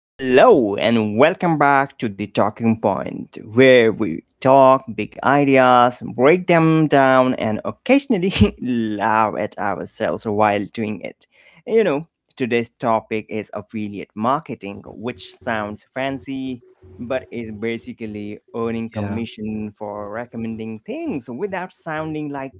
Hello, and welcome back to the Talking Point, where we talk big ideas, break them down, and occasionally laugh at ourselves while doing it. You know, Today's topic is affiliate marketing, which sounds fancy but is basically earning Yeah. commission for recommending things without sounding like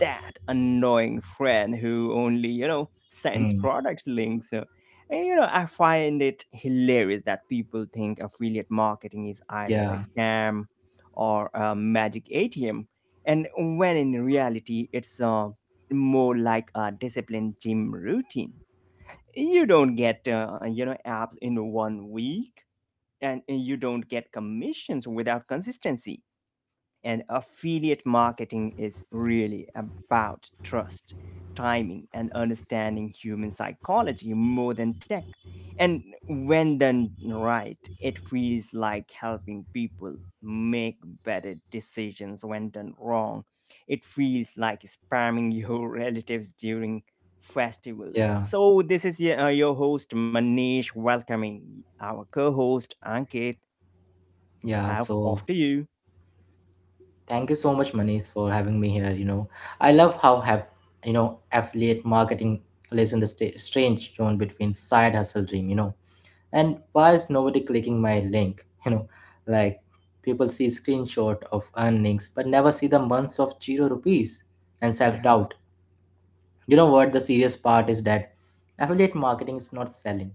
that annoying friend who only sends Mm. products links. And I find it hilarious that people think affiliate marketing is either a Yeah. scam or a magic ATM, and when in reality, it's more like a disciplined gym routine. You don't get, apps in one week, and you don't get commissions without consistency. And affiliate marketing is really about trust, timing, and understanding human psychology more than tech. And when done right, it feels like helping people make better decisions. When done wrong, it feels like spamming your relatives during festivals. Yeah. So, this is your host, Manish, welcoming our co host, Ankit. Yeah. Off So to you. thank you so much, Manish, for having me here. You know, I love how have you know affiliate marketing lives in the sta strange zone between side hustle dream. You know, and why is nobody clicking my link? You know, like people see screenshot of earnings but never see the months of zero rupees and self Yeah, doubt. You know what? The serious part is that affiliate marketing is not selling,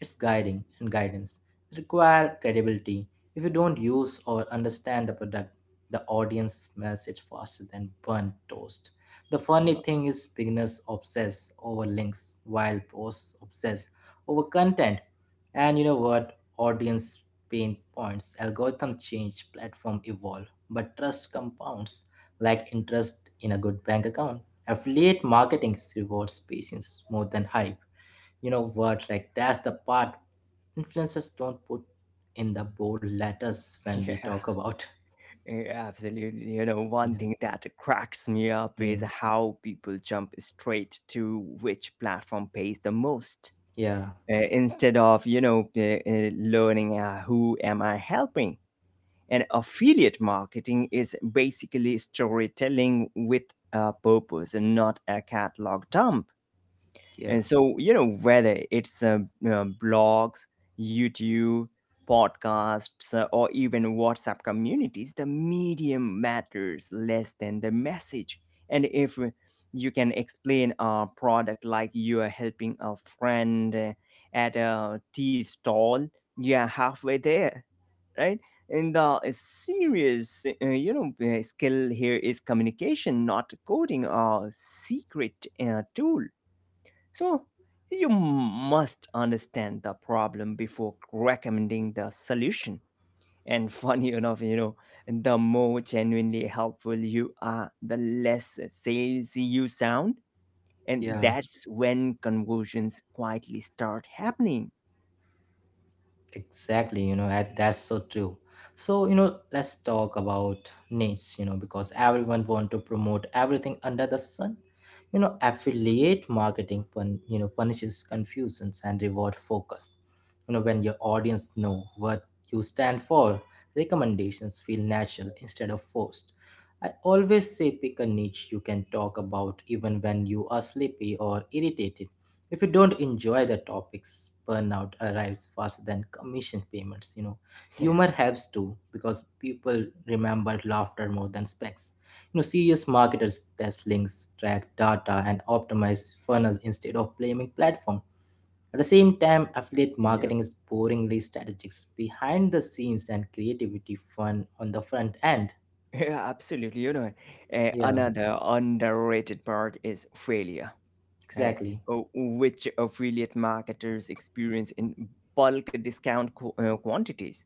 it's guiding and guidance. It requires credibility. If you don't use or understand the product, the audience smells it faster than burnt toast. The funny yeah, thing is, beginners obsess over links, while pros obsess over content. And you know what? Audience pain points, algorithm change, platform evolve, but trust compounds like interest in a good bank account affiliate marketing rewards patience more than hype you know word like that's the part influencers don't put in the bold letters when we yeah. talk about Absolutely. Them. One thing that cracks me up Mm. is how people jump straight to which platform pays the most, yeah instead of, learning who am I helping. And affiliate marketing is basically storytelling with a purpose and not a catalog dump. yeah And so, whether it's blogs, YouTube, podcasts, or even WhatsApp communities, the medium matters less than the message. And if you can explain a product like you are helping a friend at a tea stall, you are halfway there, right? And the serious, skill here is communication, not coding, a secret tool. So, you must understand the problem before recommending the solution. And funny enough, the more genuinely helpful you are, the less salesy you sound. And yeah. that's when conversions quietly start happening. Exactly, you know, and that's so true. So, you know, let's talk about niche, you know, because everyone want to promote everything under the sun. You know, affiliate marketing pun, you know, punishes confusions and reward focus. You know, when your audience know what you stand for, recommendations feel natural instead of forced. I always say pick a niche you can talk about even when you are sleepy or irritated if you don't enjoy the topics, burnout arrives faster than commission payments, you know. Yeah, Humor helps too, because people remember laughter more than specs. You know, serious marketers test links, track data, and optimize funnels instead of blaming platform. At the same time, affiliate yeah, marketing is boringly strategics behind the scenes and creativity fun on the front end. yeah, absolutely. Yeah, Another underrated part is failure, and exactly. Which affiliate marketers experience in bulk discount quantities.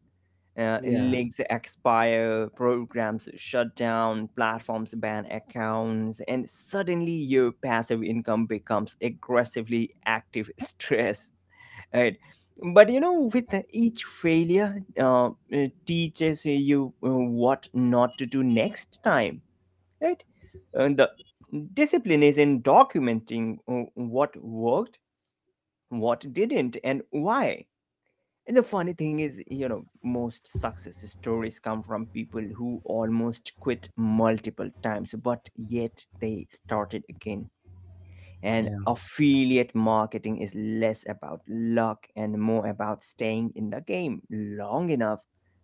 Yeah, Links expire, programs shut down, platforms ban accounts, and suddenly your passive income becomes aggressively active stress, right? But you know, with each failure, it teaches you what not to do next time, right? And the discipline is in documenting what worked, what didn't, and why. And the funny thing is, most success stories come from people who almost quit multiple times, but yet they started again. And yeah, affiliate marketing is less about luck and more about staying in the game long enough,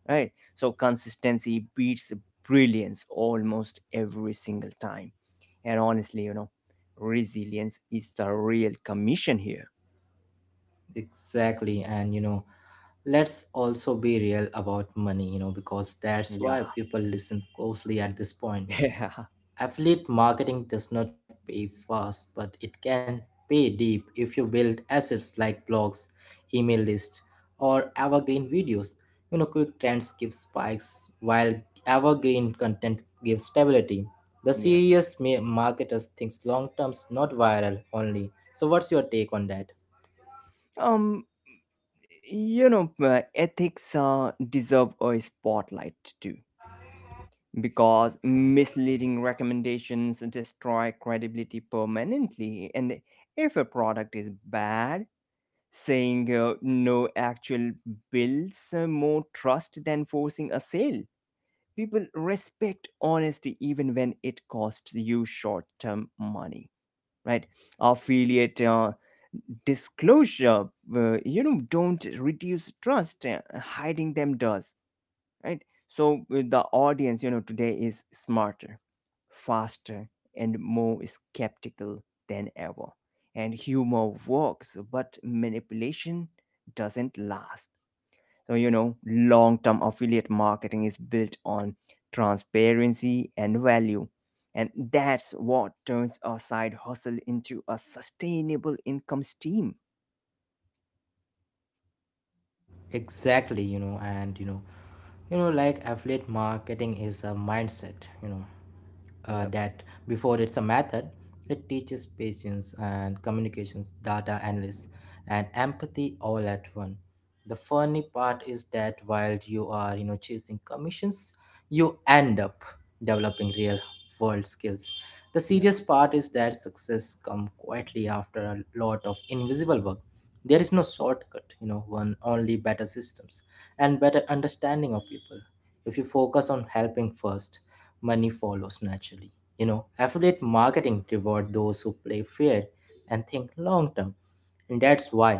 right? So consistency beats brilliance almost every single time. And honestly, resilience is the real commission here. exactly. And you know, let's also be real about money, you know, because that's Yeah. why people listen closely at this point. Yeah. Affiliate marketing does not pay fast, but it can pay deep if you build assets like blogs, email lists, or evergreen videos. You know, quick trends give spikes while evergreen content gives stability. The Yeah. serious marketers thinks long terms, not viral only. So, what's your take on that? Um, you know, ethics deserve a spotlight too, because misleading recommendations destroy credibility permanently. And if a product is bad, saying no actual builds more trust than forcing a sale. People respect honesty even when it costs you short term money, right? Affiliate disclosure, you know, don't reduce trust, hiding them does, right? So, the audience, you know, today is smarter, faster, and more skeptical than ever. And humor works, but manipulation doesn't last. So, you know, long term affiliate marketing is built on transparency and value, and that's what turns our side hustle into a sustainable income stream. Exactly you know and you know like affiliate marketing is a mindset you know Yep. that before it's a method it teaches patience and communications data analysis and empathy all at one the funny part is that while you are you know chasing commissions you end up developing real world skills the serious part is that success come quietly after a lot of invisible work there is no shortcut, you know, one only better systems and better understanding of people. If you focus on helping first, money follows naturally. You know, affiliate marketing reward those who play fair and think long term. And that's why,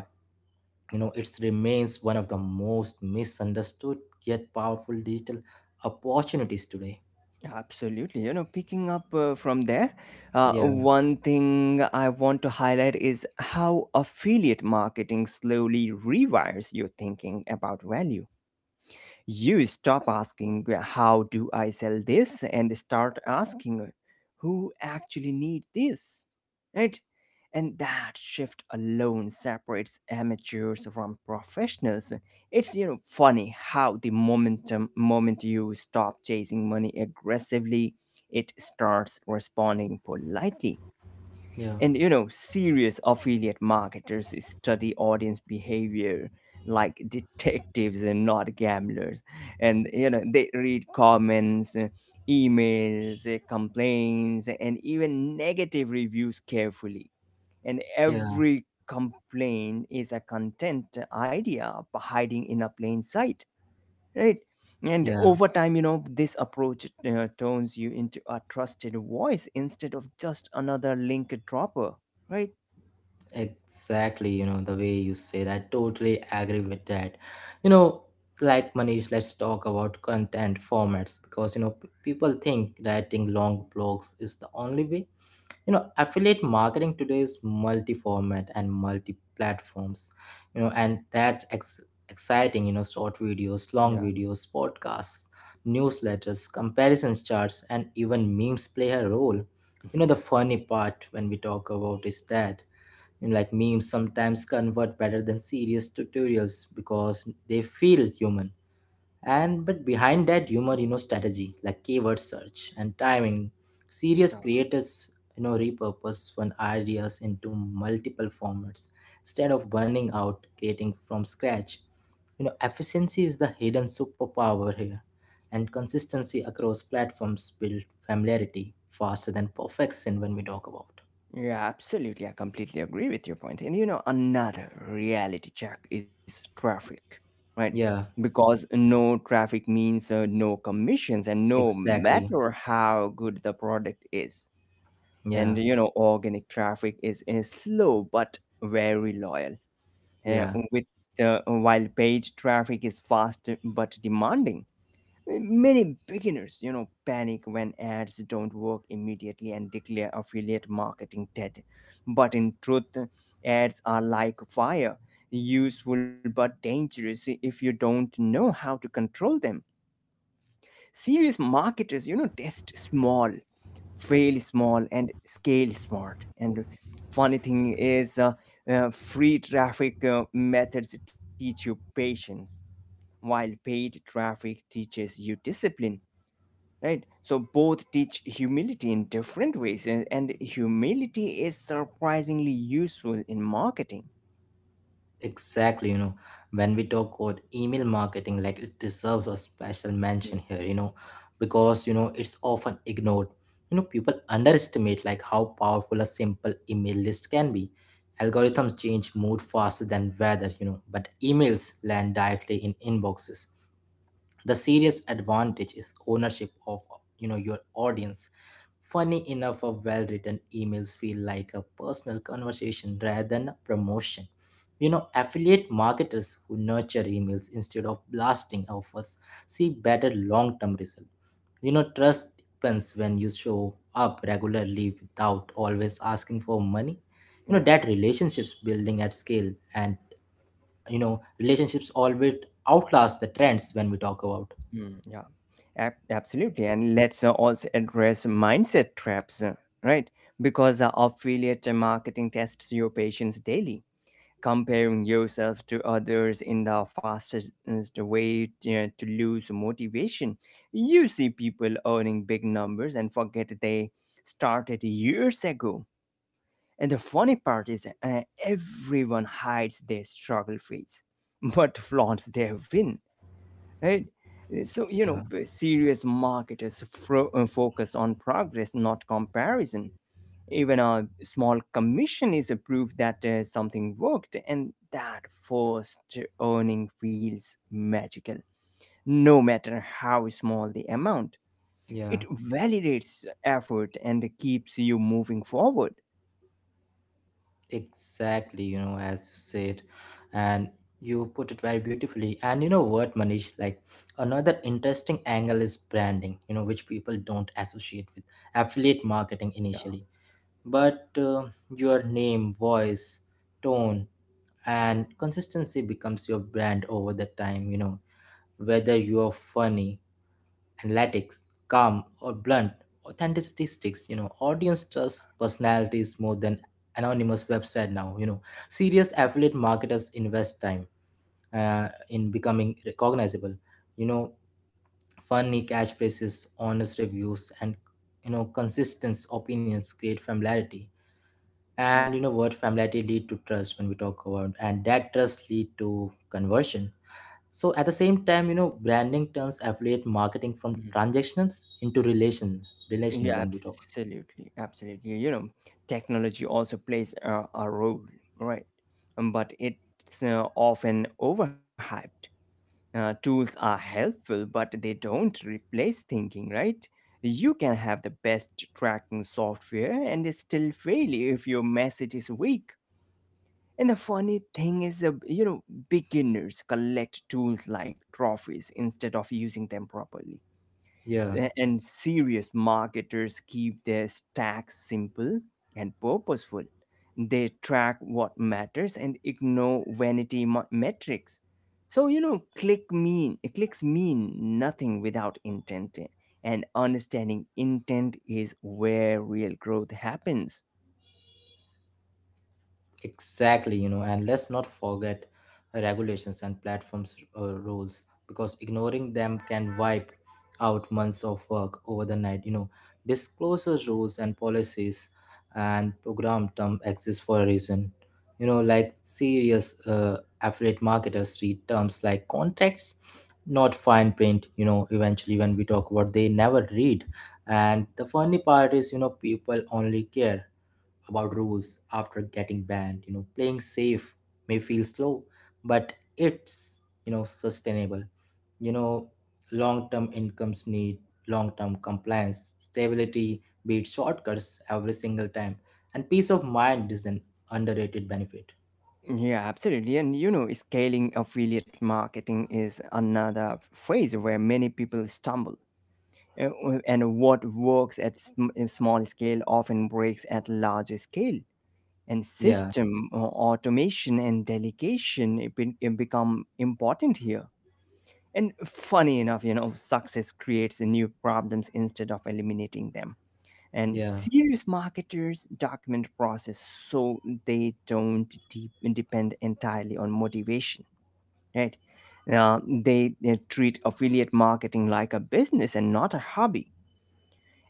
you know, it remains one of the most misunderstood yet powerful digital opportunities today. Yeah, absolutely. You know, picking up from there, Yeah, one thing I want to highlight is how affiliate marketing slowly rewires your thinking about value. You stop asking, "Yeah, How do I sell this? And start asking, Who actually need this? Right? And that shift alone separates amateurs from professionals. It's, you know, funny how the moment you stop chasing money aggressively, it starts responding politely. yeah, And you know, serious affiliate marketers study audience behavior like detectives and not gamblers. And you know, they read comments, emails, complaints, and even negative reviews carefully. And yeah, every complaint is a content idea hiding in a plain sight, right? And yeah. over time, you know, this approach turns you into a trusted voice instead of just another link dropper, right? Exactly, you know, the way you say that. Totally agree with that. You know, like Manish, let's talk about content formats because, you know, people think writing long blogs is the only way. You know, affiliate marketing today is multi format and multi platforms, you know, and that exciting, you know, short videos, long Yeah. videos, podcasts, newsletters, comparisons charts, and even memes play a role. You know, the Yeah. funny part when we talk about is that. And like memes sometimes convert better than serious tutorials because they feel human and but behind that humor Mhm. you know strategy like keyword search and timing Yeah, serious creators you know repurpose fun ideas into multiple formats instead of burning out creating from scratch you know efficiency is the hidden superpower here and consistency across platforms build familiarity faster than perfection when we talk about yeah, absolutely. I completely agree with your point. And you know, another reality check is traffic, right? yeah Because no traffic means no commissions, and no exactly matter how good the product is. yeah And you know, organic traffic is slow but very loyal. uh, Yeah, with while page traffic is fast but demanding. Many beginners, you know, panic when ads don't work immediately and declare affiliate marketing dead. But in truth, ads are like fire, useful but dangerous if you don't know how to control them. Serious marketers, you know, test small, fail small and scale smart. And funny thing is, free traffic methods teach you patience while paid traffic teaches you discipline, right? So both teach humility in different ways, and humility is surprisingly useful in marketing. exactly. You know, when we talk about email marketing, like it deserves a special mention here, you know, because, you know, it's often ignored. You know, people underestimate like how powerful a simple email list can be. Algorithms change mood faster than weather, you know, but emails land directly in inboxes. The serious advantage is ownership of you know your audience funny enough a well-written emails feel like a personal conversation rather than a promotion you know affiliate marketers who nurture emails instead of blasting offers see better long-term result you know trust depends when you show up regularly without always asking for money you know Yeah. that relationships building at scale and you know relationships always outlast the trends when we talk about Mm, yeah. Absolutely. And let's also address mindset traps, right? Because affiliate marketing tests your patience daily. Comparing yourself to others in the fastest way, you know, to lose motivation. You see people earning big numbers and forget they started years ago. And the funny part is, everyone hides their struggle phase, but flaunts their win, right? So, you know, Yeah, serious marketers focus on progress, not comparison. Even a small commission is a proof that something worked, and that first earning feels magical, no matter how small the amount. yeah, It validates effort and keeps you moving forward. exactly. You know, as you said, and you put it very beautifully. And you know what, Manish, like another interesting angle is branding, you know, which people don't associate with affiliate marketing Yeah. initially. But your name, voice, tone, and consistency becomes your brand over the time, you know, whether you are funny. Analytics, calm or blunt, authenticity sticks. You know, audience trusts personalities more than anonymous website now. You know, serious affiliate marketers invest time in becoming recognizable. You know, funny catchphrases, honest reviews, and you know, consistent opinions create familiarity. Yeah. And you know what? Familiarity lead to trust when we talk about, and that trust lead to conversion so at the same time, you know, branding turns affiliate marketing from Mhm. transactions into relational Yeah, when we talk. absolutely, absolutely. You know, technology also plays a role, right? But it's often overhyped. Tools are helpful, but they don't replace thinking, right? You can have the best tracking software and still fail if your message is weak. And the funny thing is, beginners collect tools like trophies instead of using them properly. Yeah. And serious marketers keep their stacks simple and purposeful. They track what matters and ignore vanity metrics. So, you know, clicks mean nothing without intent. And understanding intent is where real growth happens. Exactly, you know, and let's not forget regulations and platforms rules because ignoring them can wipe out months of work over the night. You know, disclosure rules and policies and program term exist for a reason. You know, like serious affiliate marketers read terms like contracts, not fine print. You know, eventually when we talk about they never read, and the funny part is, you know, people only care about rules after getting banned. You know, playing safe may feel slow, but it's, you know, sustainable. You know, long term incomes need long term compliance. Stability beats shortcuts every single time. And peace of mind is an underrated benefit. Yeah, absolutely. And you know, scaling affiliate marketing is another phase where many people stumble. And what works at in small scale often breaks at larger scale. And Yeah, system, automation and delegation, it become important here. And funny enough, you know, success creates new problems instead of eliminating them. And yeah, serious marketers document process, so they don't depend entirely on motivation, right? Now they treat affiliate marketing like a business and not a hobby.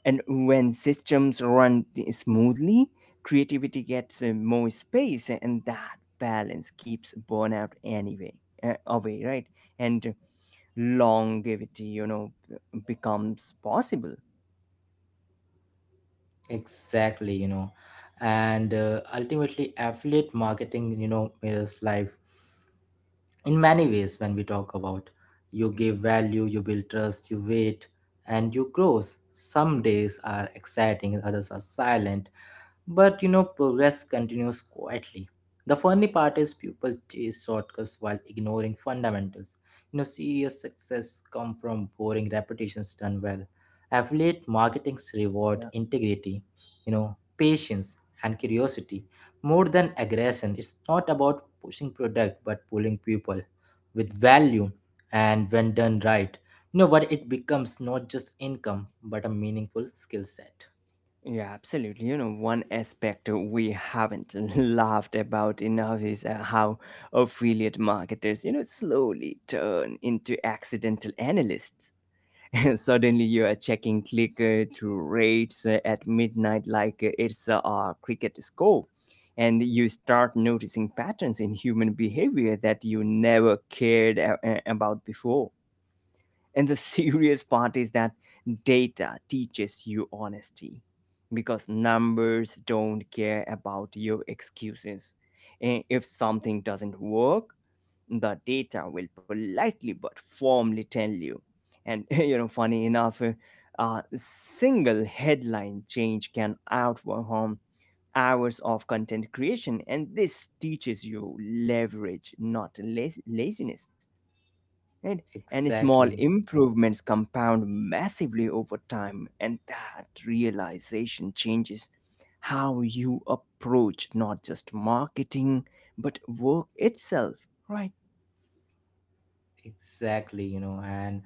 And when systems run smoothly, creativity gets more space, and that balance keeps burnout away, right? And longevity, you know, becomes possible. exactly. You know, and ultimately, affiliate marketing, you know, mirrors life. In many ways when we talk about you give Mhm. value you build trust you wait and you grow some Yeah. days are exciting others are silent but you know, progress continues quietly. The funny part is people chase shortcuts while ignoring fundamentals. You know, serious success come from boring repetitions done well. Affiliate marketing's reward Yeah. integrity, you know, patience and curiosity more than aggression. It's not about pushing product but pulling people with value and when done right. You know what it becomes not just income but a meaningful skill set. Yeah, absolutely. You know, one aspect we haven't laughed about enough is how affiliate marketers, you know, slowly turn into accidental analysts. Suddenly, you are checking click through rates at midnight like it's a cricket score. And you start noticing patterns in human behavior that you never cared about before. And the serious part is that data teaches you honesty because numbers don't care about your excuses. And if something doesn't work, the data will politely but firmly tell you. And you know, funny enough, a single headline change can outperform hours of content creation, and this teaches you leverage, not laziness. Right? And small Exactly. improvements compound massively over time, and that realization changes how you approach not just marketing but work itself, right? Exactly, you know, and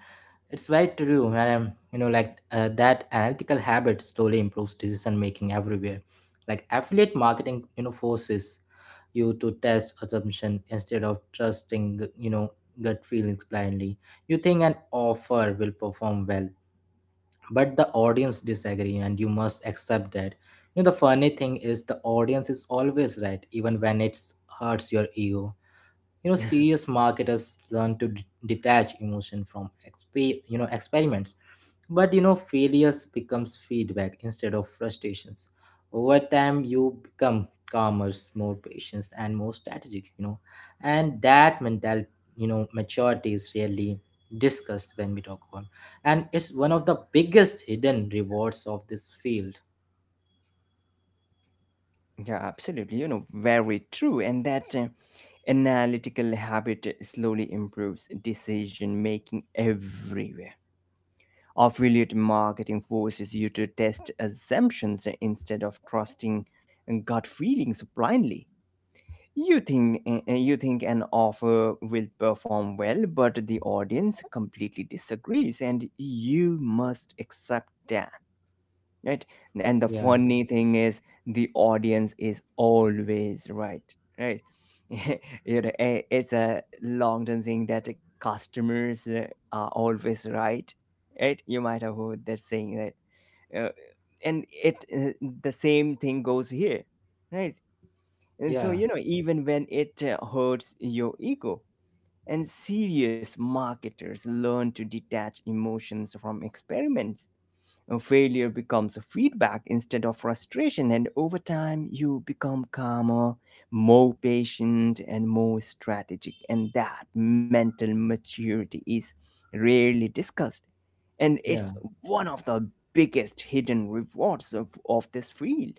it's very true. And you know, like that analytical habit slowly improves decision making everywhere. Like affiliate marketing, you know, forces you to test assumption instead of trusting, you know, gut feelings blindly. You think an offer will perform well, but the audience disagree, and you must accept that. You know, the funny thing is the audience is always right, even when it's hurts your ego you know serious marketers learn to detach emotion from you know experiments but you know failures becomes feedback instead of frustrations over time you become calmer more patient and more strategic you know and that mental you know maturity is really discussed when we talk about and it's one of the biggest hidden rewards of this field Yeah, absolutely. You know, very true. And that analytical habit slowly improves decision making everywhere. Affiliate marketing forces you to test assumptions instead of trusting gut feelings blindly. You think an offer will perform well, but the audience completely disagrees, and you must accept that, right? And the yeah funny thing is, the audience is always right, right? You know, it's a long term thing that the customers are always right, right? You might have heard that saying that, uh, and it the same thing goes here, right? And so yeah you know, even when it hurts your ego. And serious marketers learn to detach emotions from experiments. Failure becomes a feedback instead of frustration, and over time, you become calmer, more patient, and more strategic. And that mental maturity is rarely discussed, and yeah. it's one of the biggest hidden rewards of this field.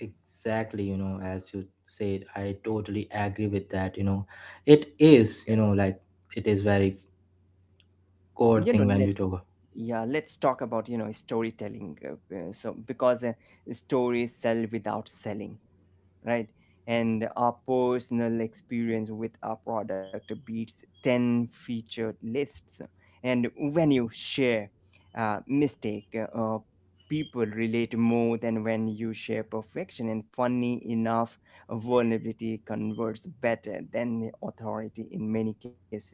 Exactly, you know, as you said, I totally agree with that. You know, it Yeah, is, you know, like it is very core you know, thing when we let's talk. yeah, let's talk about, you know, storytelling. So, because stories sell without selling, right? And our personal experience with our product beats 10 featured lists. And when you share mistake, uh, people relate more than when you share perfection. And funny enough, vulnerability converts better than authority in many cases,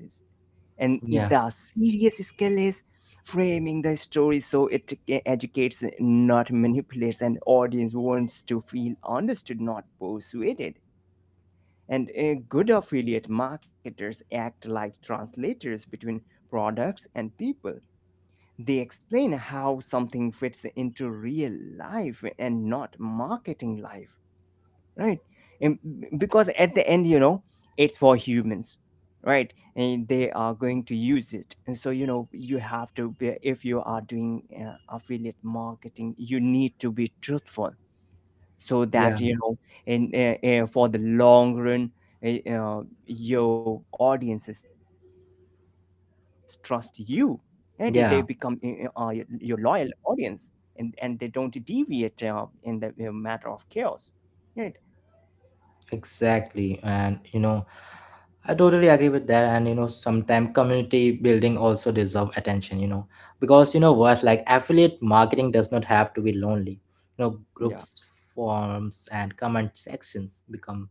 and the Yeah, serious skill is framing the story so it educates, not manipulates, and audience wants to feel understood, not persuaded. And good affiliate marketers act like translators between products and people. They explain how something fits into real life and not marketing life, right? And because at the end, it's for humans, right? And they are going to use it. And so, you know, you have to be, if you are doing affiliate marketing, you need to be truthful so yeah, that, you know, in for the long run, your audiences trust you, right? They become your yeah. loyal audience. And they don't deviate in the matter of chaos, right? Exactly. And you know, I totally agree with that. And you know, sometimes community building also deserve attention, you know, because you know what, like affiliate marketing does not have to be lonely. You know, Yeah. groups, forums, and comment sections become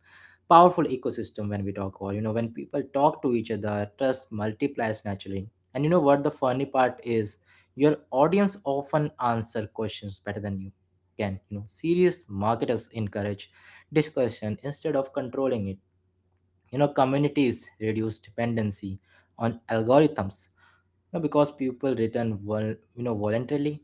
powerful ecosystem when we talk about, you know, when people talk to each other, trust multiplies naturally. And you know what the funny part is, your audience often answer questions better than you can. You know, serious marketers encourage discussion instead of controlling it. You know, communities reduce dependency on algorithms you know, because people return you know voluntarily.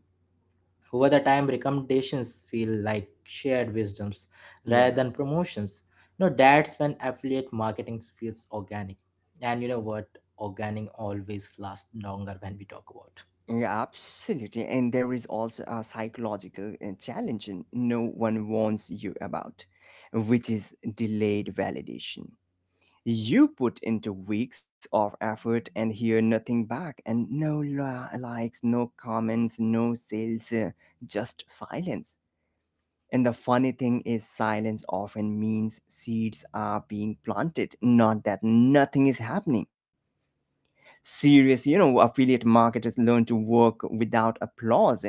Over the time, recommendations feel like shared wisdoms rather Yeah. than promotions. You know, that's when affiliate marketing feels organic. And you know what? Organic always lasts longer when we talk about. Yeah, absolutely. And there is also a psychological challenge no one warns you about, which is delayed validation. You put into weeks of effort and hear nothing back, and no likes, no comments, no sales, just silence. And the funny thing is, silence often means seeds are being planted, not that nothing is happening. Serious, you know, affiliate marketers learn to work without applause.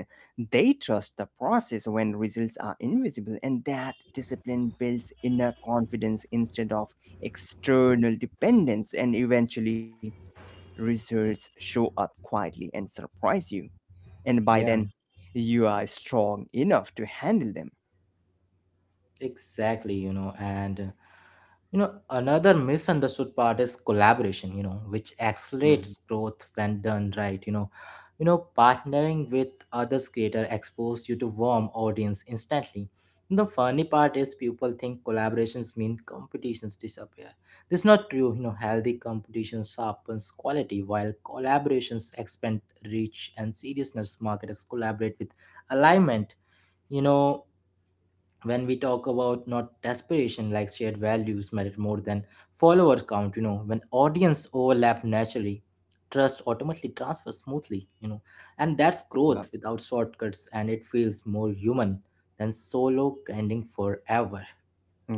They trust the process when results are invisible, and that discipline builds inner confidence instead of external dependence. And eventually results show up quietly and surprise you, and by Yeah, then you are strong enough to handle them. exactly. You know, and you know, another misunderstood part is collaboration, you know, which Mhm. accelerates growth when done right. You know, partnering with others creator expose you to warm audience instantly. The funny part is people think collaborations mean competitions disappear. This is not true. You know, healthy competition sharpens quality while collaborations expand reach and seriousness marketers collaborate with alignment. You know, when we talk about not aspiration, like, shared values matter more than follower count, when audience overlap naturally, trust automatically transfers smoothly, and that's Yeah. growth without shortcuts, and it feels more human than solo grinding forever.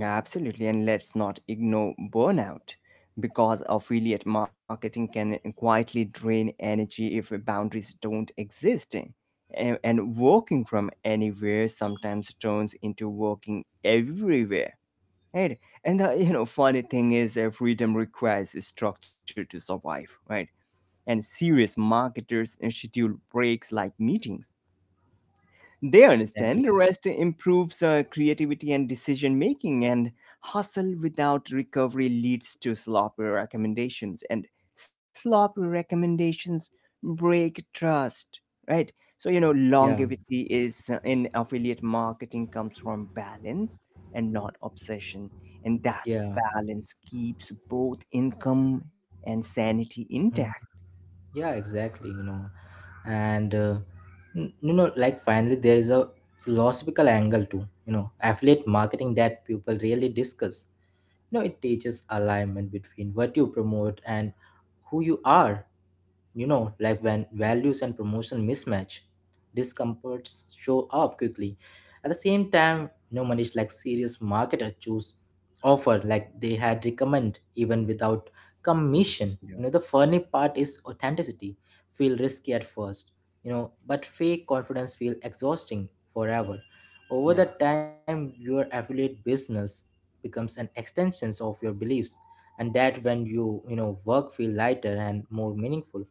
Absolutely, and let's not ignore burnout because affiliate marketing can quietly drain energy if boundaries don't exist. And working from anywhere sometimes turns into working everywhere. Right? And the, you know, funny thing is that freedom requires a structure to survive, right? And serious marketers schedule breaks like meetings. They Exactly. understand rest improves creativity and decision making, and hustle without recovery leads to sloppy recommendations, and sloppy recommendations break trust, right? So, you know, Yeah. longevity is in affiliate marketing comes from balance and not obsession, and that Yeah. balance keeps both income and sanity intact. Mm. Yeah, exactly, and like, finally there is a philosophical angle too, affiliate marketing that people really discuss. No, it teaches alignment between what you promote and who you are. You know, like, when values and promotion mismatch, discomforts show up quickly. At the same time, no one is, like, serious marketer choose offer like they had recommend even without Yeah. commission. You know, the funny part is authenticity. Feel risky at first, but fake confidence feel exhausting forever. Over Yeah. the time, your affiliate business becomes an extensions of your beliefs, and that when you know work feel lighter and more meaningful,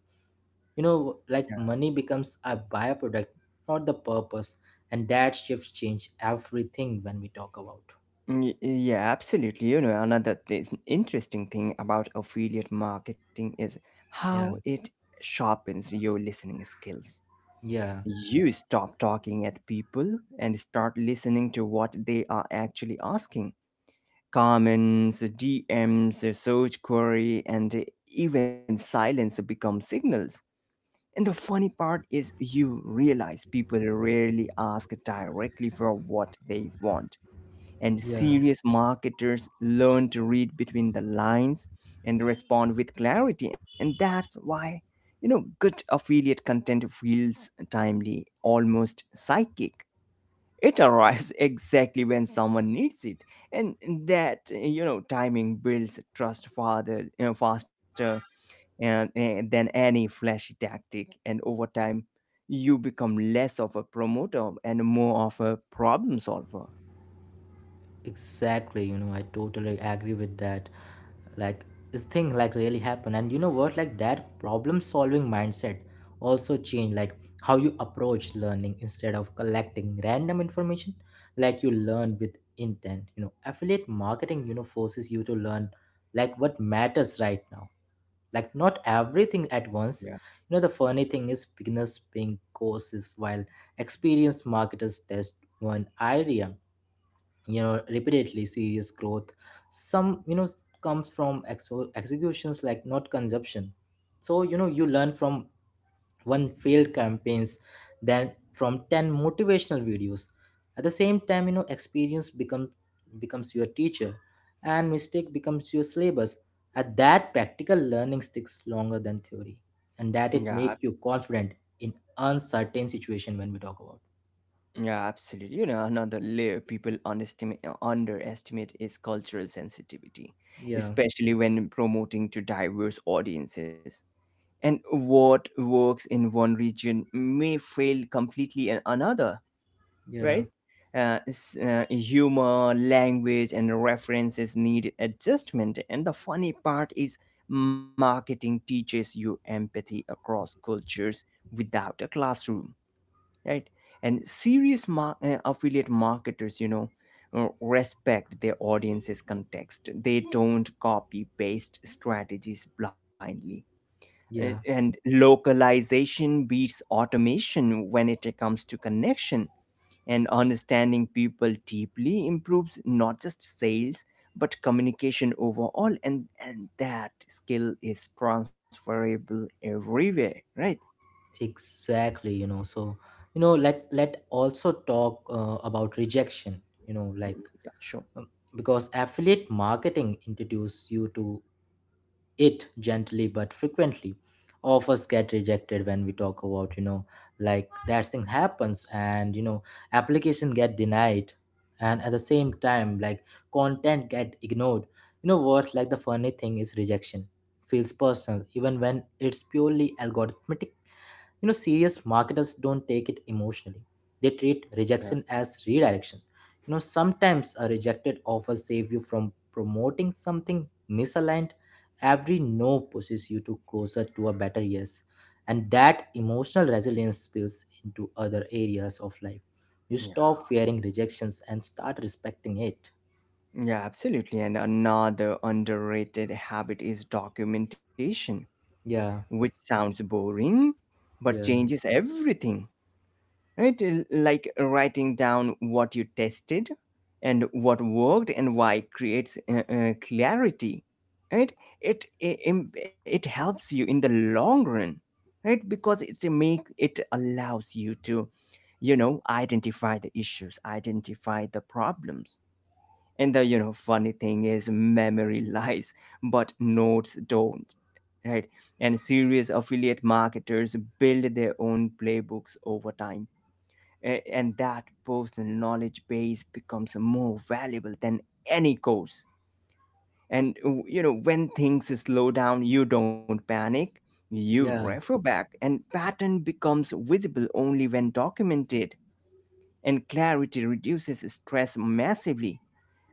like, money becomes a byproduct, not the purpose, and that shift change everything when we talk about. Yeah, absolutely. You know, another interesting thing about affiliate marketing is how Yeah. it sharpens your listening skills. Yeah. You stop talking at people and start listening to what they are actually asking. Comments, DMs, search query, and even silence become signals. And the funny part is, you realize people rarely ask directly for what they want, and Yeah. serious marketers learn to read between the lines and respond with clarity. And that's why, you know, good affiliate content feels timely, almost psychic. It arrives exactly when someone needs it. And that, you know, timing builds trust farther, you know, faster and than any flashy tactic. And over time you become less of a promoter and more of a problem solver. Exactly, I totally agree with that. Like, this thing like really happened, and you know what like, that problem solving mindset also change like how you approach learning, instead of collecting random information, like you learn with intent. Affiliate marketing, forces you to learn like what matters right now, like not everything at once. Yeah. The funny thing is beginners paying courses while experienced marketers test one idea, repeatedly. Serious growth some, comes from ex executions, like, not consumption. So, you learn from one failed campaigns than from 10 motivational videos. At the same time, experience becomes your teacher, and mistake becomes your syllabus. At that, practical learning sticks longer than theory, and that Yeah. it make you confident in uncertain situation when we talk about. Yeah, absolutely. You know, another layer people underestimate is cultural sensitivity, Yeah. especially when promoting to diverse audiences. And what works in one region may fail completely in another, Yeah. right? Humor, language, and references need adjustment. And the funny part is, marketing teaches you empathy across cultures without a classroom, right? And serious affiliate marketers, you know, respect their audience's context. They don't copy paste strategies blindly, and, Yeah. and localization beats automation when it comes to connection, and understanding people deeply improves not just sales but communication overall. And that skill is transferable everywhere, right? Exactly, so, like, let also talk about rejection, like, Mm, yeah, sure. um, because affiliate marketing introduces you to it gently but frequently. Of us get rejected when we talk about, like, that thing happens, and application get denied. And at the same time, like, content get ignored. You know what like, the funny thing is rejection feels personal even when it's purely algorithmic. You know, serious marketers don't take it emotionally. They treat rejection as redirection. You know, sometimes a rejected offer saves you from promoting something misaligned. Every no pushes you to closer to a better yes. And that emotional resilience spills into other areas of life. You Yeah. stop fearing rejections and start respecting it. Yeah, absolutely. And another underrated habit is documentation, Yeah, which sounds boring but yeah, changes everything, right? Like writing down what you tested and what worked and why creates clarity, right? It helps you in the long run, right? Because it's a make it allows you to, you know, identify the issues, identify the problems. And the, you know, funny thing is memory lies, but notes don't, right? And serious affiliate marketers build their own playbooks over time. And that personal knowledge base becomes more valuable than any course. And you know, when things slow down, you don't panic. You yeah, refer back, and pattern becomes visible only when documented, and clarity reduces stress massively.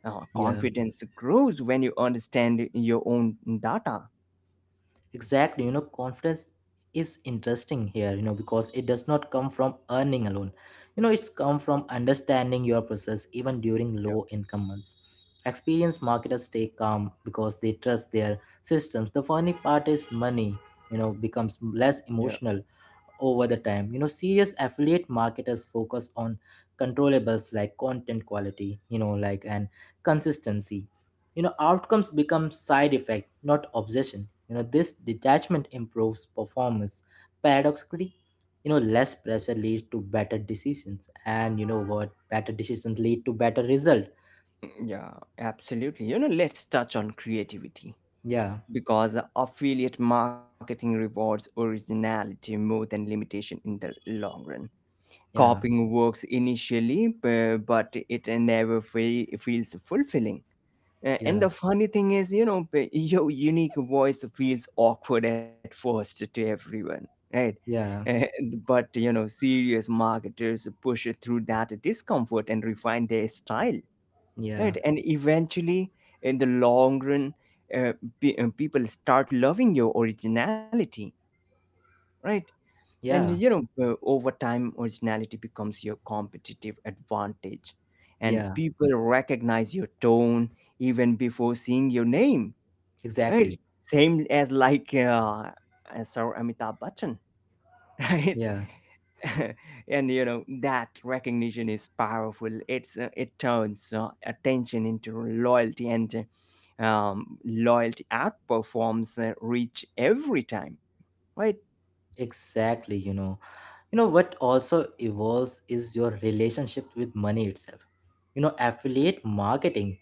Yeah. Confidence grows when you understand your own data. Exactly, you know, confidence is interesting here, you know, because it does not come from earning alone. You know, it's come from understanding your process even during low income months. Experienced marketers stay calm because they trust their systems. The funny part is money, you know, becomes less Yeah, emotional over the time. You know, serious affiliate marketers focus on controllables like content quality, like, and consistency. Outcomes become side effect, not obsession. This detachment improves performance, paradoxically. Less pressure leads to better decisions, and you know what better decisions lead to better result. yeah, absolutely. You know, let's touch on creativity Yeah, because affiliate marketing rewards originality more than limitation in the long run. yeah, Copying works initially, but it never feels fulfilling. Yeah, And the funny thing is, you know, your unique voice feels awkward at first to everyone, right? yeah, But, you know, serious marketers push through that discomfort and refine their style, yeah, right? And eventually, in the long run, uh, people start loving your originality, right? And, yeah, you know, over time, originality becomes your competitive advantage. And yeah, people recognize your tone even before seeing your name. Right. exactly, Same as like as our Amitabh Bachchan, right? yeah, And you know that recognition is powerful. It's it turns attention into loyalty, and loyalty outperforms reach every time, right? exactly, you know what also evolves is your relationship with money itself. Affiliate marketing,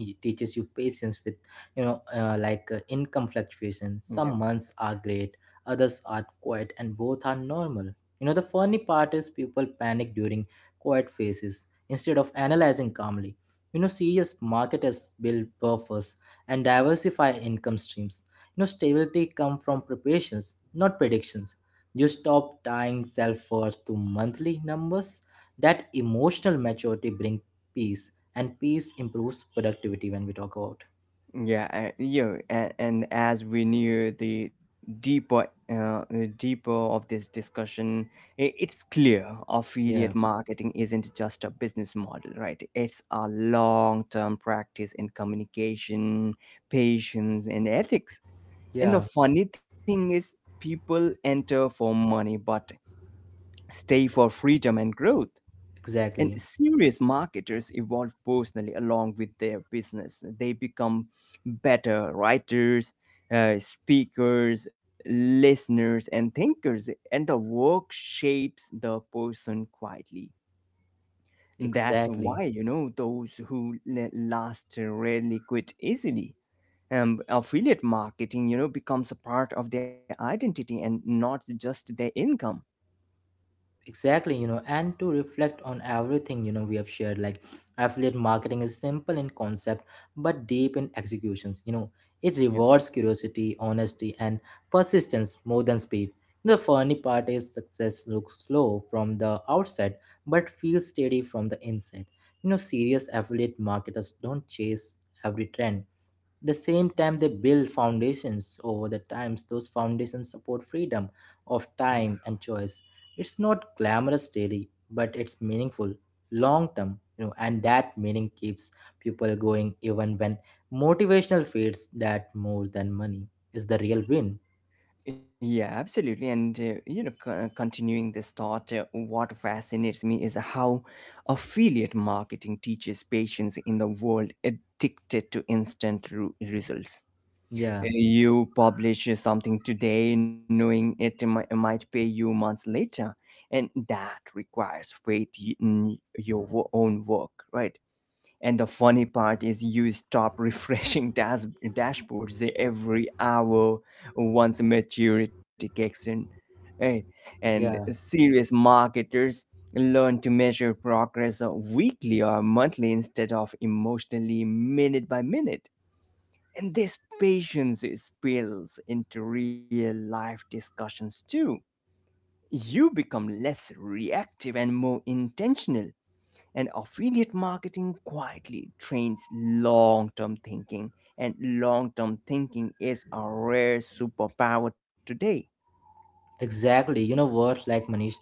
it teaches you patience with, like, income fluctuation. Some months are great, others are quiet, and both are normal. The funny part is people panic during quiet phases instead of analyzing calmly. Serious marketers build buffers and diversify income streams. Stability come from preparations, not predictions. You stop tying self worth to monthly numbers. That emotional maturity brings peace, and peace improves productivity when we talk about. Yeah, yeah, and as we near the deeper, uh, uh, deeper of this discussion, it's clear affiliate Yeah, marketing isn't just a business model, right? It's a long-term practice in communication, patience, and ethics. And the yeah, funny thing is, people enter for money but stay for freedom and growth. And exactly. serious marketers evolve personally along with their business. They become better writers, speakers, listeners, and thinkers. And the work shapes the person quietly. That's Exactly. why, you know, those who last rarely quit easily. Affiliate marketing, you know, becomes a part of their identity and not just their income. Exactly, and to reflect on everything, we have shared, like, affiliate marketing is simple in concept but deep in executions. It Yeah. rewards curiosity, honesty, and persistence more than speed. The funny part is success looks slow from the outside but feels steady from the inside. Serious affiliate marketers don't chase every trend, the same time they build foundations over the times. Those foundations support freedom of Yeah. time and choice. It's not glamorous daily, but it's meaningful long term. And that meaning keeps people going even when motivational fades, that more than money is the real win. Yeah, absolutely. And, you know, continuing this thought, what fascinates me is how affiliate marketing teaches patients in the world addicted to instant results. Yeah, You publish something today knowing it might pay you months later, and that requires faith in your own work, right? And the funny part is, you stop refreshing dashboards every hour once maturity kicks in. Right? And yeah. serious marketers learn to measure progress weekly or monthly instead of emotionally minute by minute. And this patience spills into real life discussions too. You become less reactive and more intentional, and affiliate marketing quietly trains long term thinking, and long term thinking is a rare superpower today. Exactly. Like, Manish,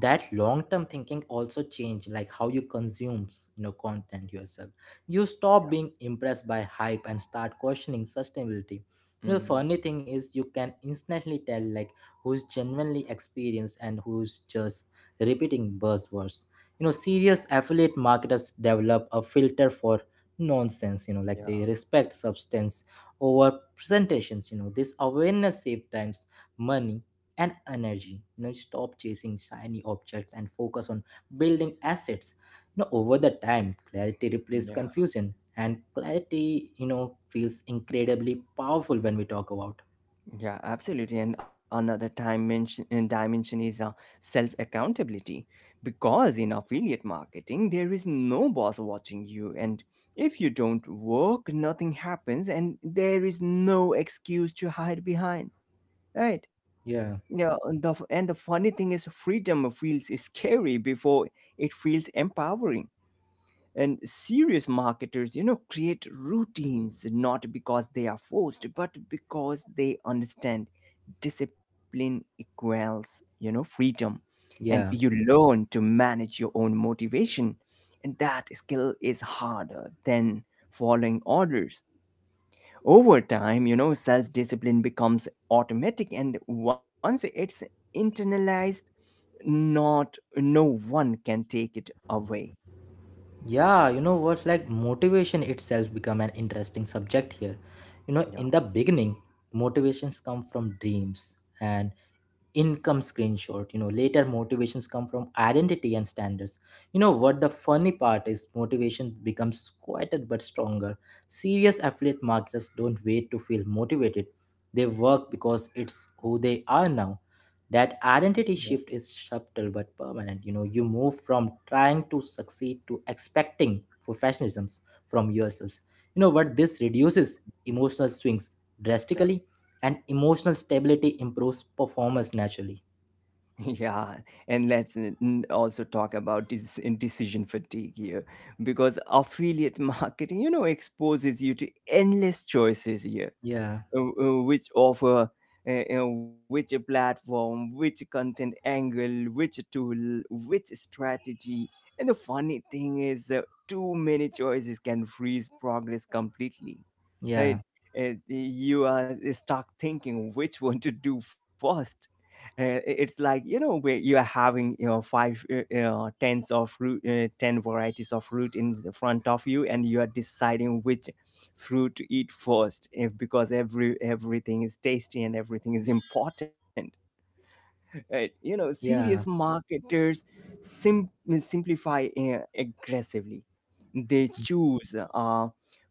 that long-term thinking also change like how you consume, content yourself. You stop being impressed by hype and start questioning sustainability. The Mm, funny thing is you can instantly tell like who's genuinely experienced and who's just repeating buzzwords. Serious affiliate marketers develop a filter for nonsense, like, yeah. they respect substance over presentations, This awareness save times, money, and energy. Stop chasing shiny objects and focus on building assets. Over the time, clarity replaces Yeah, confusion, and clarity, feels incredibly powerful when we talk about. yeah, absolutely. And another dimension is self accountability because in affiliate marketing there is no boss watching you, and if you don't work nothing happens, and there is no excuse to hide behind, right? Yeah, Yeah. And the funny thing is freedom feels scary before it feels empowering, and serious marketers, you know, create routines not because they are forced but because they understand discipline equals, you know, freedom. And you yeah, learn to manage your own motivation, and that skill is harder than following orders. Over time, you know, self discipline becomes automatic, and once it's internalized, not no one can take it away. yeah, you know what's like, motivation itself become an interesting subject here. Yeah, In the beginning, motivations come from dreams and income screenshot. Later, motivations come from identity and standards. You know what The funny part is motivation becomes quieter but stronger. Serious affiliate marketers don't wait to feel motivated, they work because it's who they are now. That yeah, identity shift is subtle but permanent. You move from trying to succeed to expecting professionalisms from yourselves. You know what This reduces mm, emotional swings drastically, and emotional stability improves performance naturally. yeah. Yeah, and let's also talk about this decision fatigue here because affiliate marketing, you know, exposes you to endless choices here. Yeah, Which offer, which platform, which content angle, which tool, which strategy. And the funny thing is, too many choices can freeze progress completely, right? yeah, You are stuck thinking which one to do first. Uh, it's like, you know, where you are having, you know, five tens of root ten varieties of root in the front of you, and you are deciding which fruit to eat first if, because everything is tasty and everything is important, right? You know, serious yeah, marketers sim- simplify aggressively. They choose a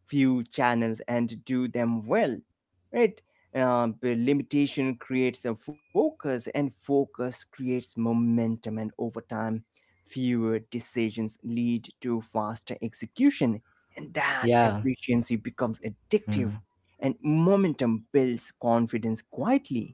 few channels and do them well, right? The limitation creates a focus, and focus creates momentum, and over time fewer decisions lead to faster execution, and that yeah. efficiency becomes addictive, Hmm. and momentum builds confidence quietly.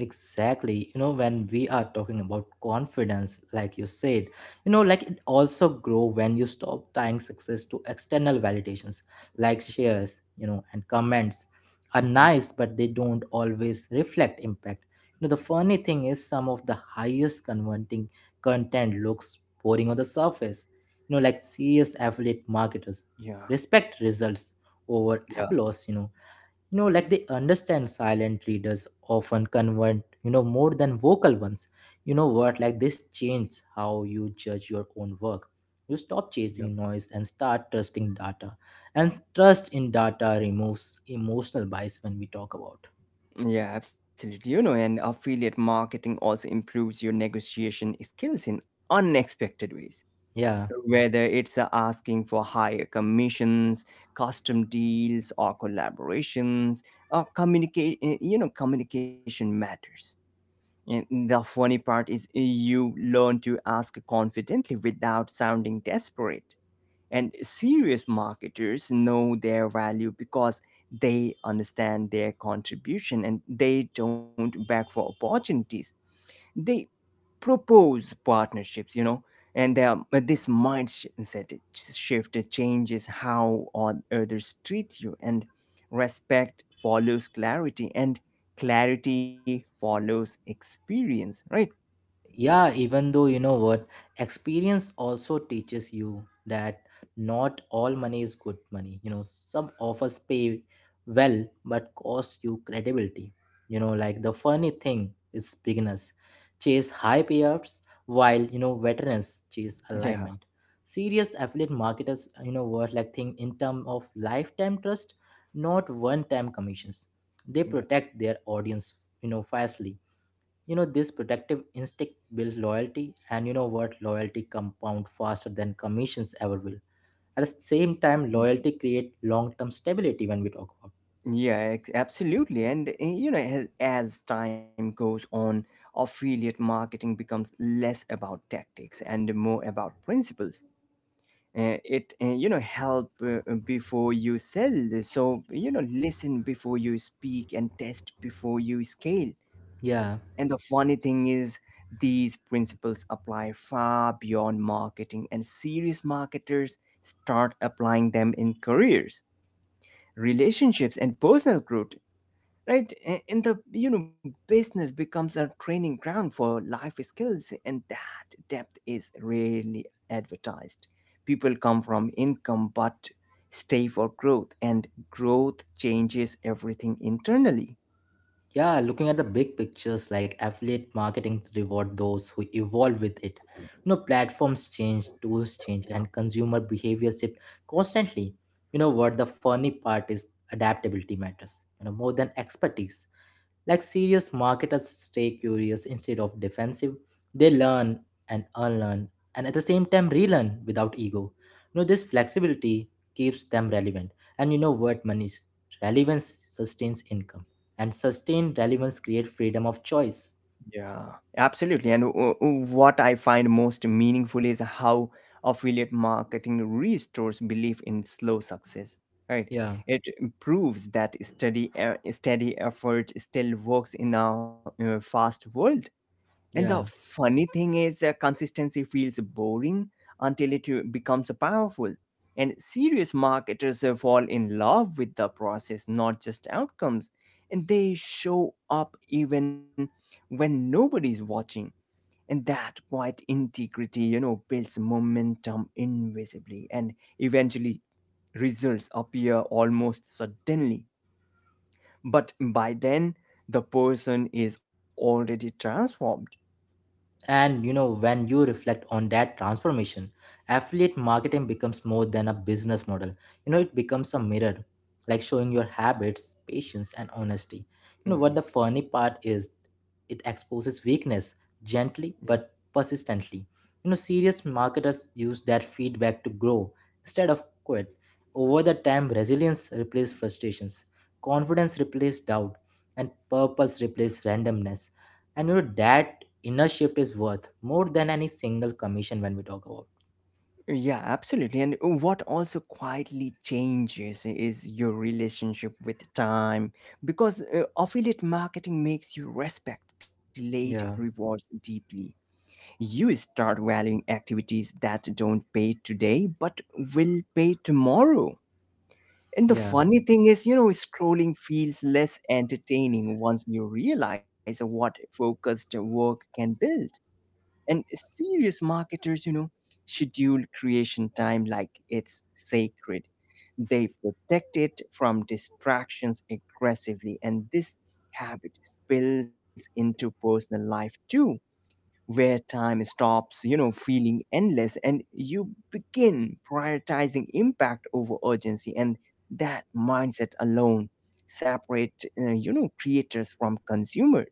Exactly. When we are talking about confidence, like you said, like, it also grow when you stop tying success to external validations, like shares, and comments are Mhm. nice, but they don't always reflect impact. The funny thing is some of the highest converting content looks boring on the surface. Like, serious affiliate marketers Yeah. respect results over Yeah, applause, like, they understand silent readers often convert, more than vocal ones. You know what like, this changes how you judge your own work. You stop chasing noise and start trusting data, and trust in data removes emotional bias when we talk about. yeah. Yeah, absolutely. You know, and affiliate marketing also improves your negotiation skills in unexpected ways. Yeah, Whether it's asking for higher commissions, custom deals, or collaborations, or communicate, you know, communication matters. And the funny part is, you learn to ask confidently without sounding desperate. And serious marketers know their value because they understand their contribution, and they don't beg for opportunities. They propose partnerships, you know. And there, but this mindset shift changes how others treat you, and respect follows clarity, and clarity follows experience, right? yeah, even though you know what experience also teaches you that not all money is good money. Some offers pay well but cost you credibility. Like, the funny thing is beginners chase high payoffs while, veterans chase Yeah, alignment. Serious affiliate marketers, you know what like, think in terms of lifetime trust, not one time commissions. They yeah. protect their audience, fiercely. This protective instinct builds loyalty, and you know what loyalty compound faster than commissions ever will. At the same time, loyalty create long-term stability when we talk about. Absolutely. And you know, as time goes on, affiliate marketing becomes less about tactics and more about principles. It you know help before you sell. So, you know, listen before you speak and test before you scale. Yeah, And the funny thing is, these principles apply far beyond marketing, and serious marketers start applying them in careers, relationships, and personal growth, right? A- and the you know business becomes a training ground for life skills, and that depth is rarely advertised. People come from income but stay for growth, and growth changes everything internally. yeah. Looking at the big pictures, like affiliate marketing reward those who evolve with it. Platforms change, tools change, Yeah. and consumer behavior shift constantly. You know what The funny part is adaptability matters, more than expertise. Like, serious marketers stay curious instead of defensive. They learn and unlearn, and at the same time relearn without ego. You know, this flexibility keeps them relevant. And you know what, Manish? Relevance sustains income, and sustained relevance creates freedom of choice. Yeah, absolutely. And what I find most meaningful is how affiliate marketing restores belief in slow success, right? Yeah, It proves that steady, steady effort still works in a fast world. And the yeah. funny thing is, consistency feels boring until it becomes powerful. And serious marketers fall in love with the process, not just outcomes. And they show up even when nobody's watching. And that quiet integrity, you know, builds momentum invisibly. And eventually, results appear almost suddenly. But by then, the person is already transformed. And you know, when you reflect on that transformation, affiliate marketing becomes more than a business model. You know, it becomes a mirror, like, showing your habits, patience, and honesty. What Mhm. the funny part is, it exposes weakness gently but persistently. You know, serious marketers use that feedback to grow instead of quit. Over the time, resilience replaces frustrations, confidence replaces doubt, and purpose replaces randomness, and you know that inner shift is worth more than any single commission when we talk about. Yeah, absolutely. And what also quietly changes is your relationship with time, because affiliate marketing makes you respect delayed Yeah, rewards deeply. You start valuing activities that don't pay today but will pay tomorrow. And the yeah. funny thing is, scrolling feels less entertaining once you realize what focused work can build. And serious marketers, you know, schedule creation time like it's sacred. They protect it from distractions aggressively. And this habit spills into personal life too, where time stops, you know, feeling endless, and you begin prioritizing impact over urgency. And that mindset alone separate creators from consumers.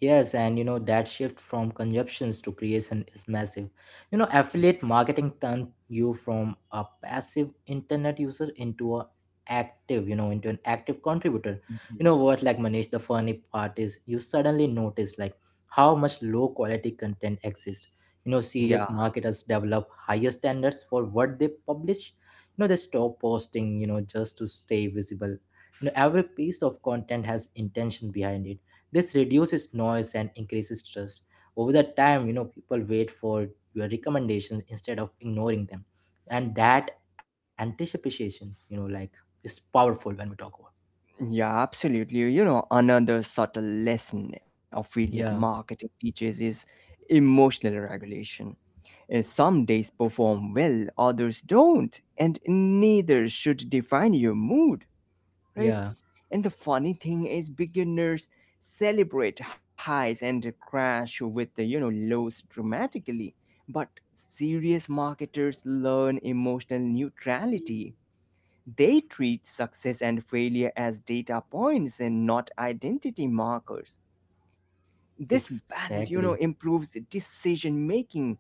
Yes, and you know that shift from consumptions to creation is massive. You know, affiliate marketing turned you from a passive internet user into a active, into an active contributor. Mhm. Like, Manish, the funny part is you suddenly notice like how much low quality content exists. You know, Yeah. serious marketers develop higher standards for what they publish. You know, they stop posting, just to stay visible. You know, every piece of content has intention behind it, this reduces noise and increases trust. Over the time, people wait for your recommendations instead of ignoring them. And that anticipation, like, is powerful when we talk about. Yeah, absolutely. You know, another subtle lesson affiliate Yeah, marketing teaches is emotional regulation. Some days perform well, others don't, and neither should define your mood, right? yeah, And the funny thing is, beginners celebrate highs and crash with the lows dramatically, but serious marketers learn emotional neutrality. They treat success and failure as data points and not identity markers. This balance, you know, exactly. improves decision making,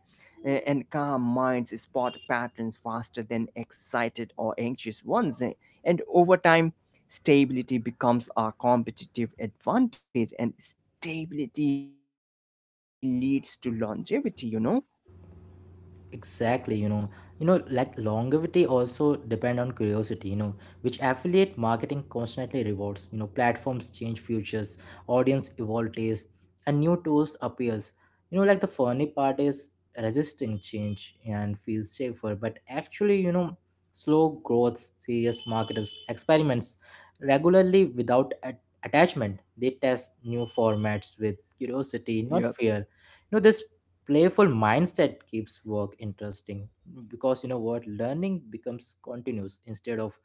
and calm minds spot patterns faster than excited or anxious ones. And over time, stability becomes our competitive advantage, and stability leads to longevity, you know? Exactly. You know, like longevity also depend on curiosity, you know, which affiliate marketing constantly rewards, you know. Platforms change futures, audience evolve taste, and new tools appears. You know, like the funny part is resisting change and feels safer, but actually, you know, slow growth. Serious marketers experiments regularly without attachment. They test new formats with curiosity, not Yep. fear. You know, this playful mindset keeps work interesting because, you know what, learning becomes continuous instead of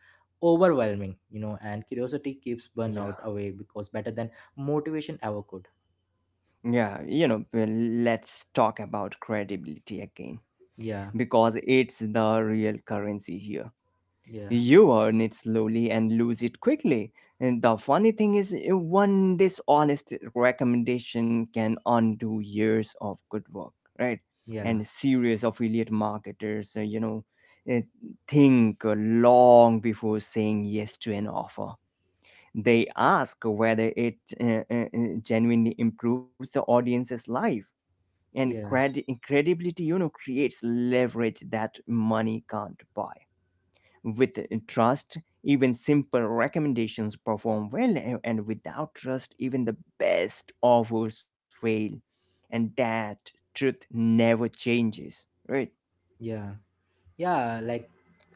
overwhelming, you know. And curiosity keeps Yeah. burnout away because better than motivation ever could. Yeah. You know, let's talk about credibility again, Yeah, because it's the real currency here. yeah, You earn it slowly and lose it quickly. And the funny thing is, one dishonest recommendation can undo years of good work, right? yeah, And serious affiliate marketers, uh, think long before saying yes to an offer. They ask whether it uh, uh, uh, genuinely improves the audience's life, and yeah, credibility, you know, creates leverage that money can't buy. With trust, even simple recommendations perform well, and without trust even the best offers fail. And that truth never changes, right? yeah, yeah, like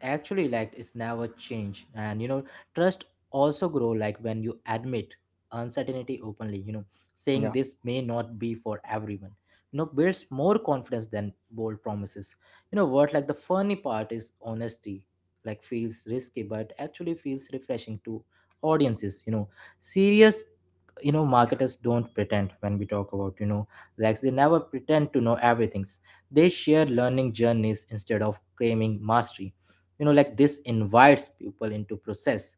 actually, like it's never change. And you know, trust also grow, like when you admit uncertainty openly, you know. Saying this Yeah. may not be for everyone, you know, builds more confidence than bold promises. You know what, like the funny part is honesty, like feels risky, but actually feels refreshing to audiences, you know. Serious, you know, Yeah. marketers don't pretend when we talk about, you know. Like they never pretend to know everything. They share learning journeys instead of claiming mastery. You know, like this invites people into process.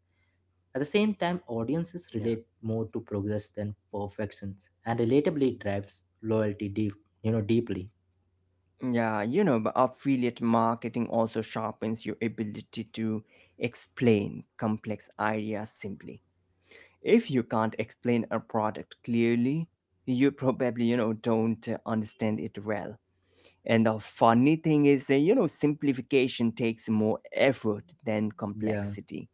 At the same time, audiences Yeah. relate more to progress than perfections, and relatably drives loyalty deep, you know, deeply. Yeah, you know, but affiliate marketing also sharpens your ability to explain complex ideas simply. If you can't explain a product clearly, you probably, you know, don't understand it well. And the funny thing is, simplification takes more effort than Yeah. complexity.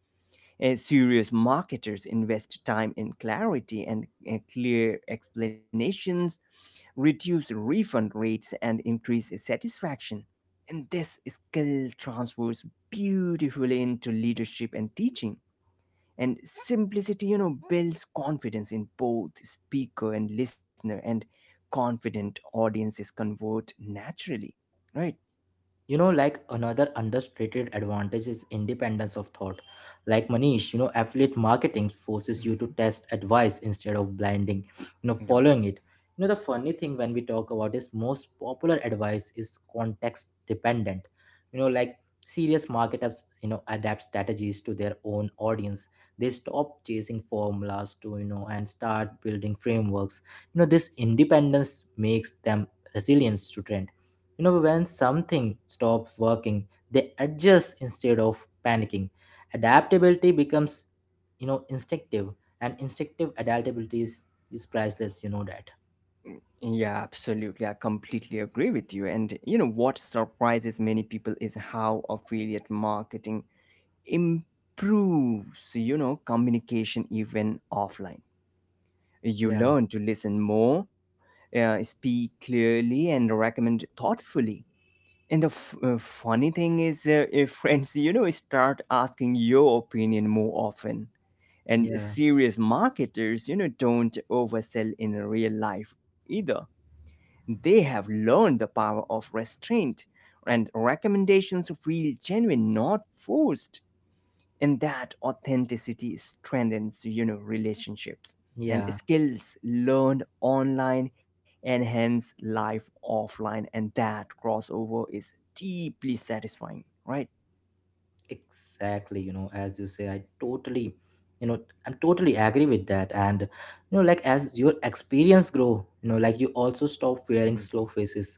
And serious marketers invest time in clarity, and clear explanations reduce refund rates and increase satisfaction. And this skill transfers beautifully into leadership and teaching. And simplicity, you know, builds confidence in both speaker and listener, and confident audiences convert naturally, right? You know, like another understated advantage is independence of thought, like Manish. You know, affiliate marketing forces you Mhm. to test advice instead of blinding, you know, Yeah. following it. You know, the funny thing when we talk about is most popular advice is context dependent. You know, like serious marketers, you know, adapt strategies to their own audience. They stop chasing formulas to, you know, and start building frameworks. You know, this independence makes them resilient to trend. You know, when something stops working, they adjust instead of panicking. Adaptability becomes, you know, instinctive. And instinctive adaptability is priceless, you know that. Yeah, absolutely. I completely agree with you. And you know what surprises many people is how affiliate marketing improves, you know, communication even offline. You Yeah, learn to listen more, speak clearly, and recommend thoughtfully. And the funny thing is, if friends, you know, start asking your opinion more often. And yeah, serious marketers, you know, don't oversell in real life either. They have learned the power of restraint, and recommendations feel genuine, not forced, and that authenticity strengthens, you know, relationships. And yeah, skills learned online and hence life offline, and that crossover is deeply satisfying, right? exactly. You know, as you say, I totally, you know, I'm totally agree with that. And you know, like as your experience grow, you know, like you also stop wearing Hmm. slow faces.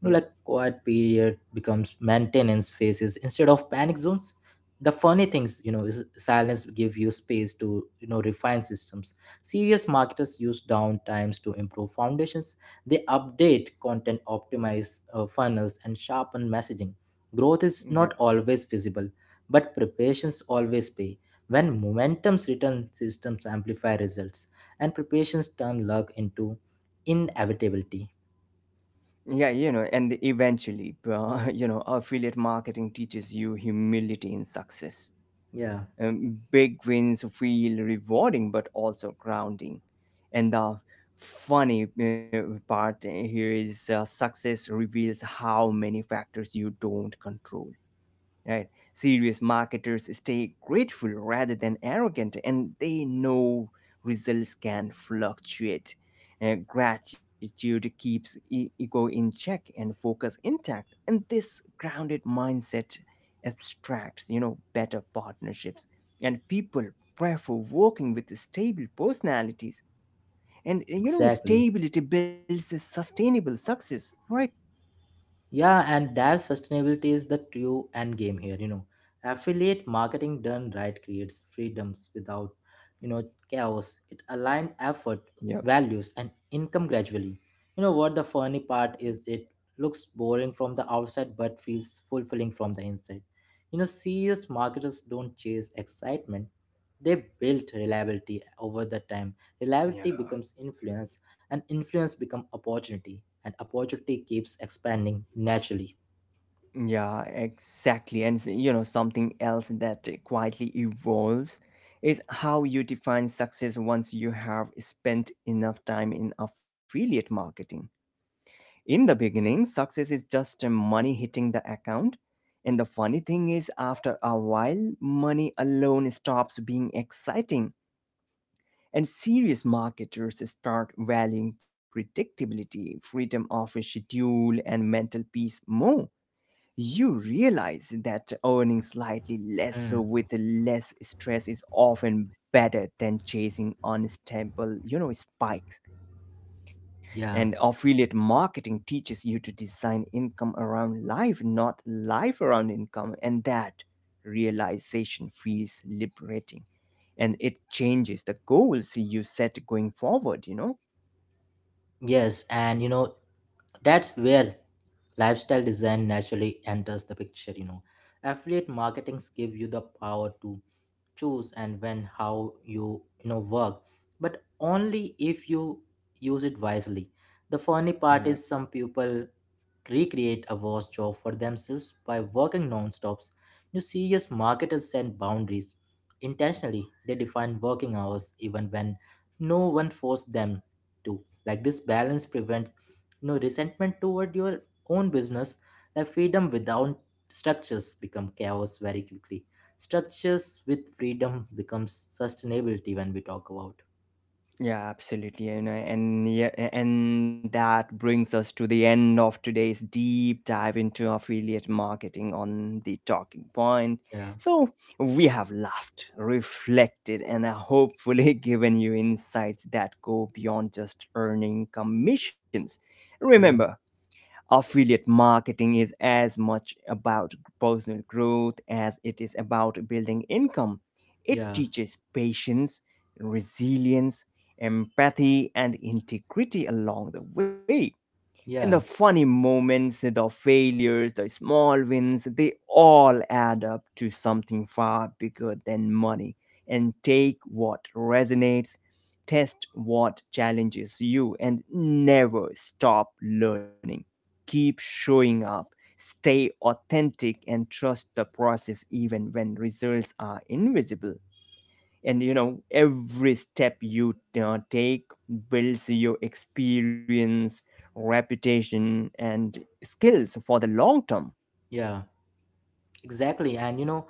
You know, like quiet period becomes maintenance phases instead of panic zones. The funny things, you know, is silence give you space to, you know, refine systems. Serious marketers use downtimes to improve foundations. They update content, optimize funnels, and sharpen messaging. Growth is not Yeah. always visible, but preparations always pay. When momentums return, systems amplify results, and preparations turn luck into inevitability. Yeah, you know, and eventually you know, affiliate marketing teaches you humility in success. Yeah, Big wins feel rewarding but also grounding. And the funny part here is, success reveals how many factors you don't control, right? Serious marketers stay grateful rather than arrogant, and they know results can fluctuate. Gratitude keeps ego in check and focus intact, and this grounded mindset abstracts, you know, better partnerships. And people prefer working with stable personalities, and, you know, exactly. stability builds a sustainable success, right? Yeah, and that sustainability is the true end game here, you know. Affiliate marketing done right creates freedoms without, you know, chaos. It aligns effort, Yep. values, and income gradually. You know what, the funny part is it looks boring from the outside but feels fulfilling from the inside. You know, serious marketers don't chase excitement. They build reliability over the time. Reliability becomes influence, and influence become opportunity, and opportunity keeps expanding naturally. Yeah, exactly. And you know, something else that quietly evolves is how you define success once you have spent enough time in affiliate marketing. In the beginning, success is just money hitting the account. And the funny thing is, after a while, money alone stops being exciting. And serious marketers start valuing predictability, freedom of a schedule, and mental peace more. You realize that earning slightly less Hmm, with less stress is often better than chasing unstable, spikes. And yeah. affiliate marketing teaches you to design income around life, not life around income, and that realization feels liberating, and it changes the goals you set going forward, you know? Yes, and you know, that's where lifestyle design naturally enters the picture, you know. Affiliate marketings give you the power to choose and when how you, know, work. But only if you use it wisely. The funny Yeah. part is some people recreate a worse job for themselves by working non-stops. You serious marketers set boundaries intentionally. They define working hours even when no one forced them to. Like this balance prevents, you know, resentment toward your own business. Like freedom without structures become chaos very quickly. Structures with freedom becomes sustainability when we talk about. Yeah, absolutely. And yeah, and that brings us to the end of today's deep dive into affiliate marketing on the talking point. Yeah, So we have laughed, reflected, and hopefully given you insights that go beyond just earning commissions. Remember, yeah, affiliate marketing is as much about personal growth as it is about building income. It yeah, teaches patience, resilience, empathy, and integrity along the way. And the yeah, funny moments, the failures, the small wins, they all add up to something far bigger than money. And take what resonates, test what challenges you, and never stop learning. Keep showing up, stay authentic, and trust the process even when results are invisible. And you know, every step you take builds your experience, reputation, and skills for the long term. yeah. Exactly. And you know,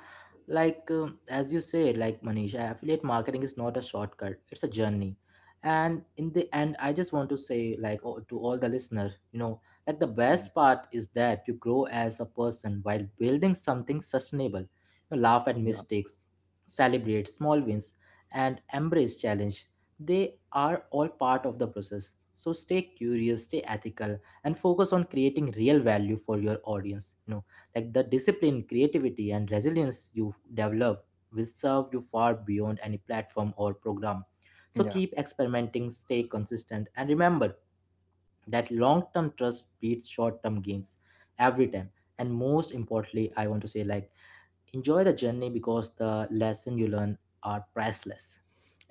like as you say, like Manisha, affiliate marketing is not a shortcut, it's a journey. And in the end, I just want to say, like, oh, to all the listener, you know, like the Mm. best part is that you grow as a person while building something sustainable. You laugh at Yeah. mistakes, celebrate small wins, and embrace challenge. They are all part of the process. So stay curious, stay ethical, and focus on creating real value for your audience. You know, like the discipline creativity and resilience you've developed will serve you far beyond any platform or program. So Yeah. keep experimenting, stay consistent, and remember that long-term trust beats short-term gains every time. And most importantly, I want to say, like, enjoy the journey because the lesson you learn are priceless.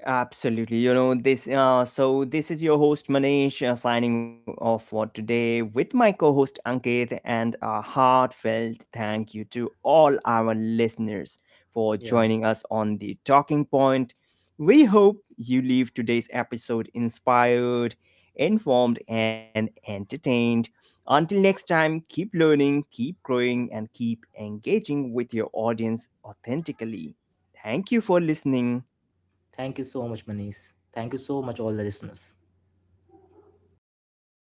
Absolutely. You know, this so this is your host Manish, signing off for today with my co-host Ankit, and a heartfelt thank you to all our listeners for Yeah, joining us on the talking point. We hope you leave today's episode inspired, informed, and entertained. Until next time, keep learning, keep growing, and keep engaging with your audience authentically. Thank you for listening. thank you so much, Manish. Thank you so much, all the listeners.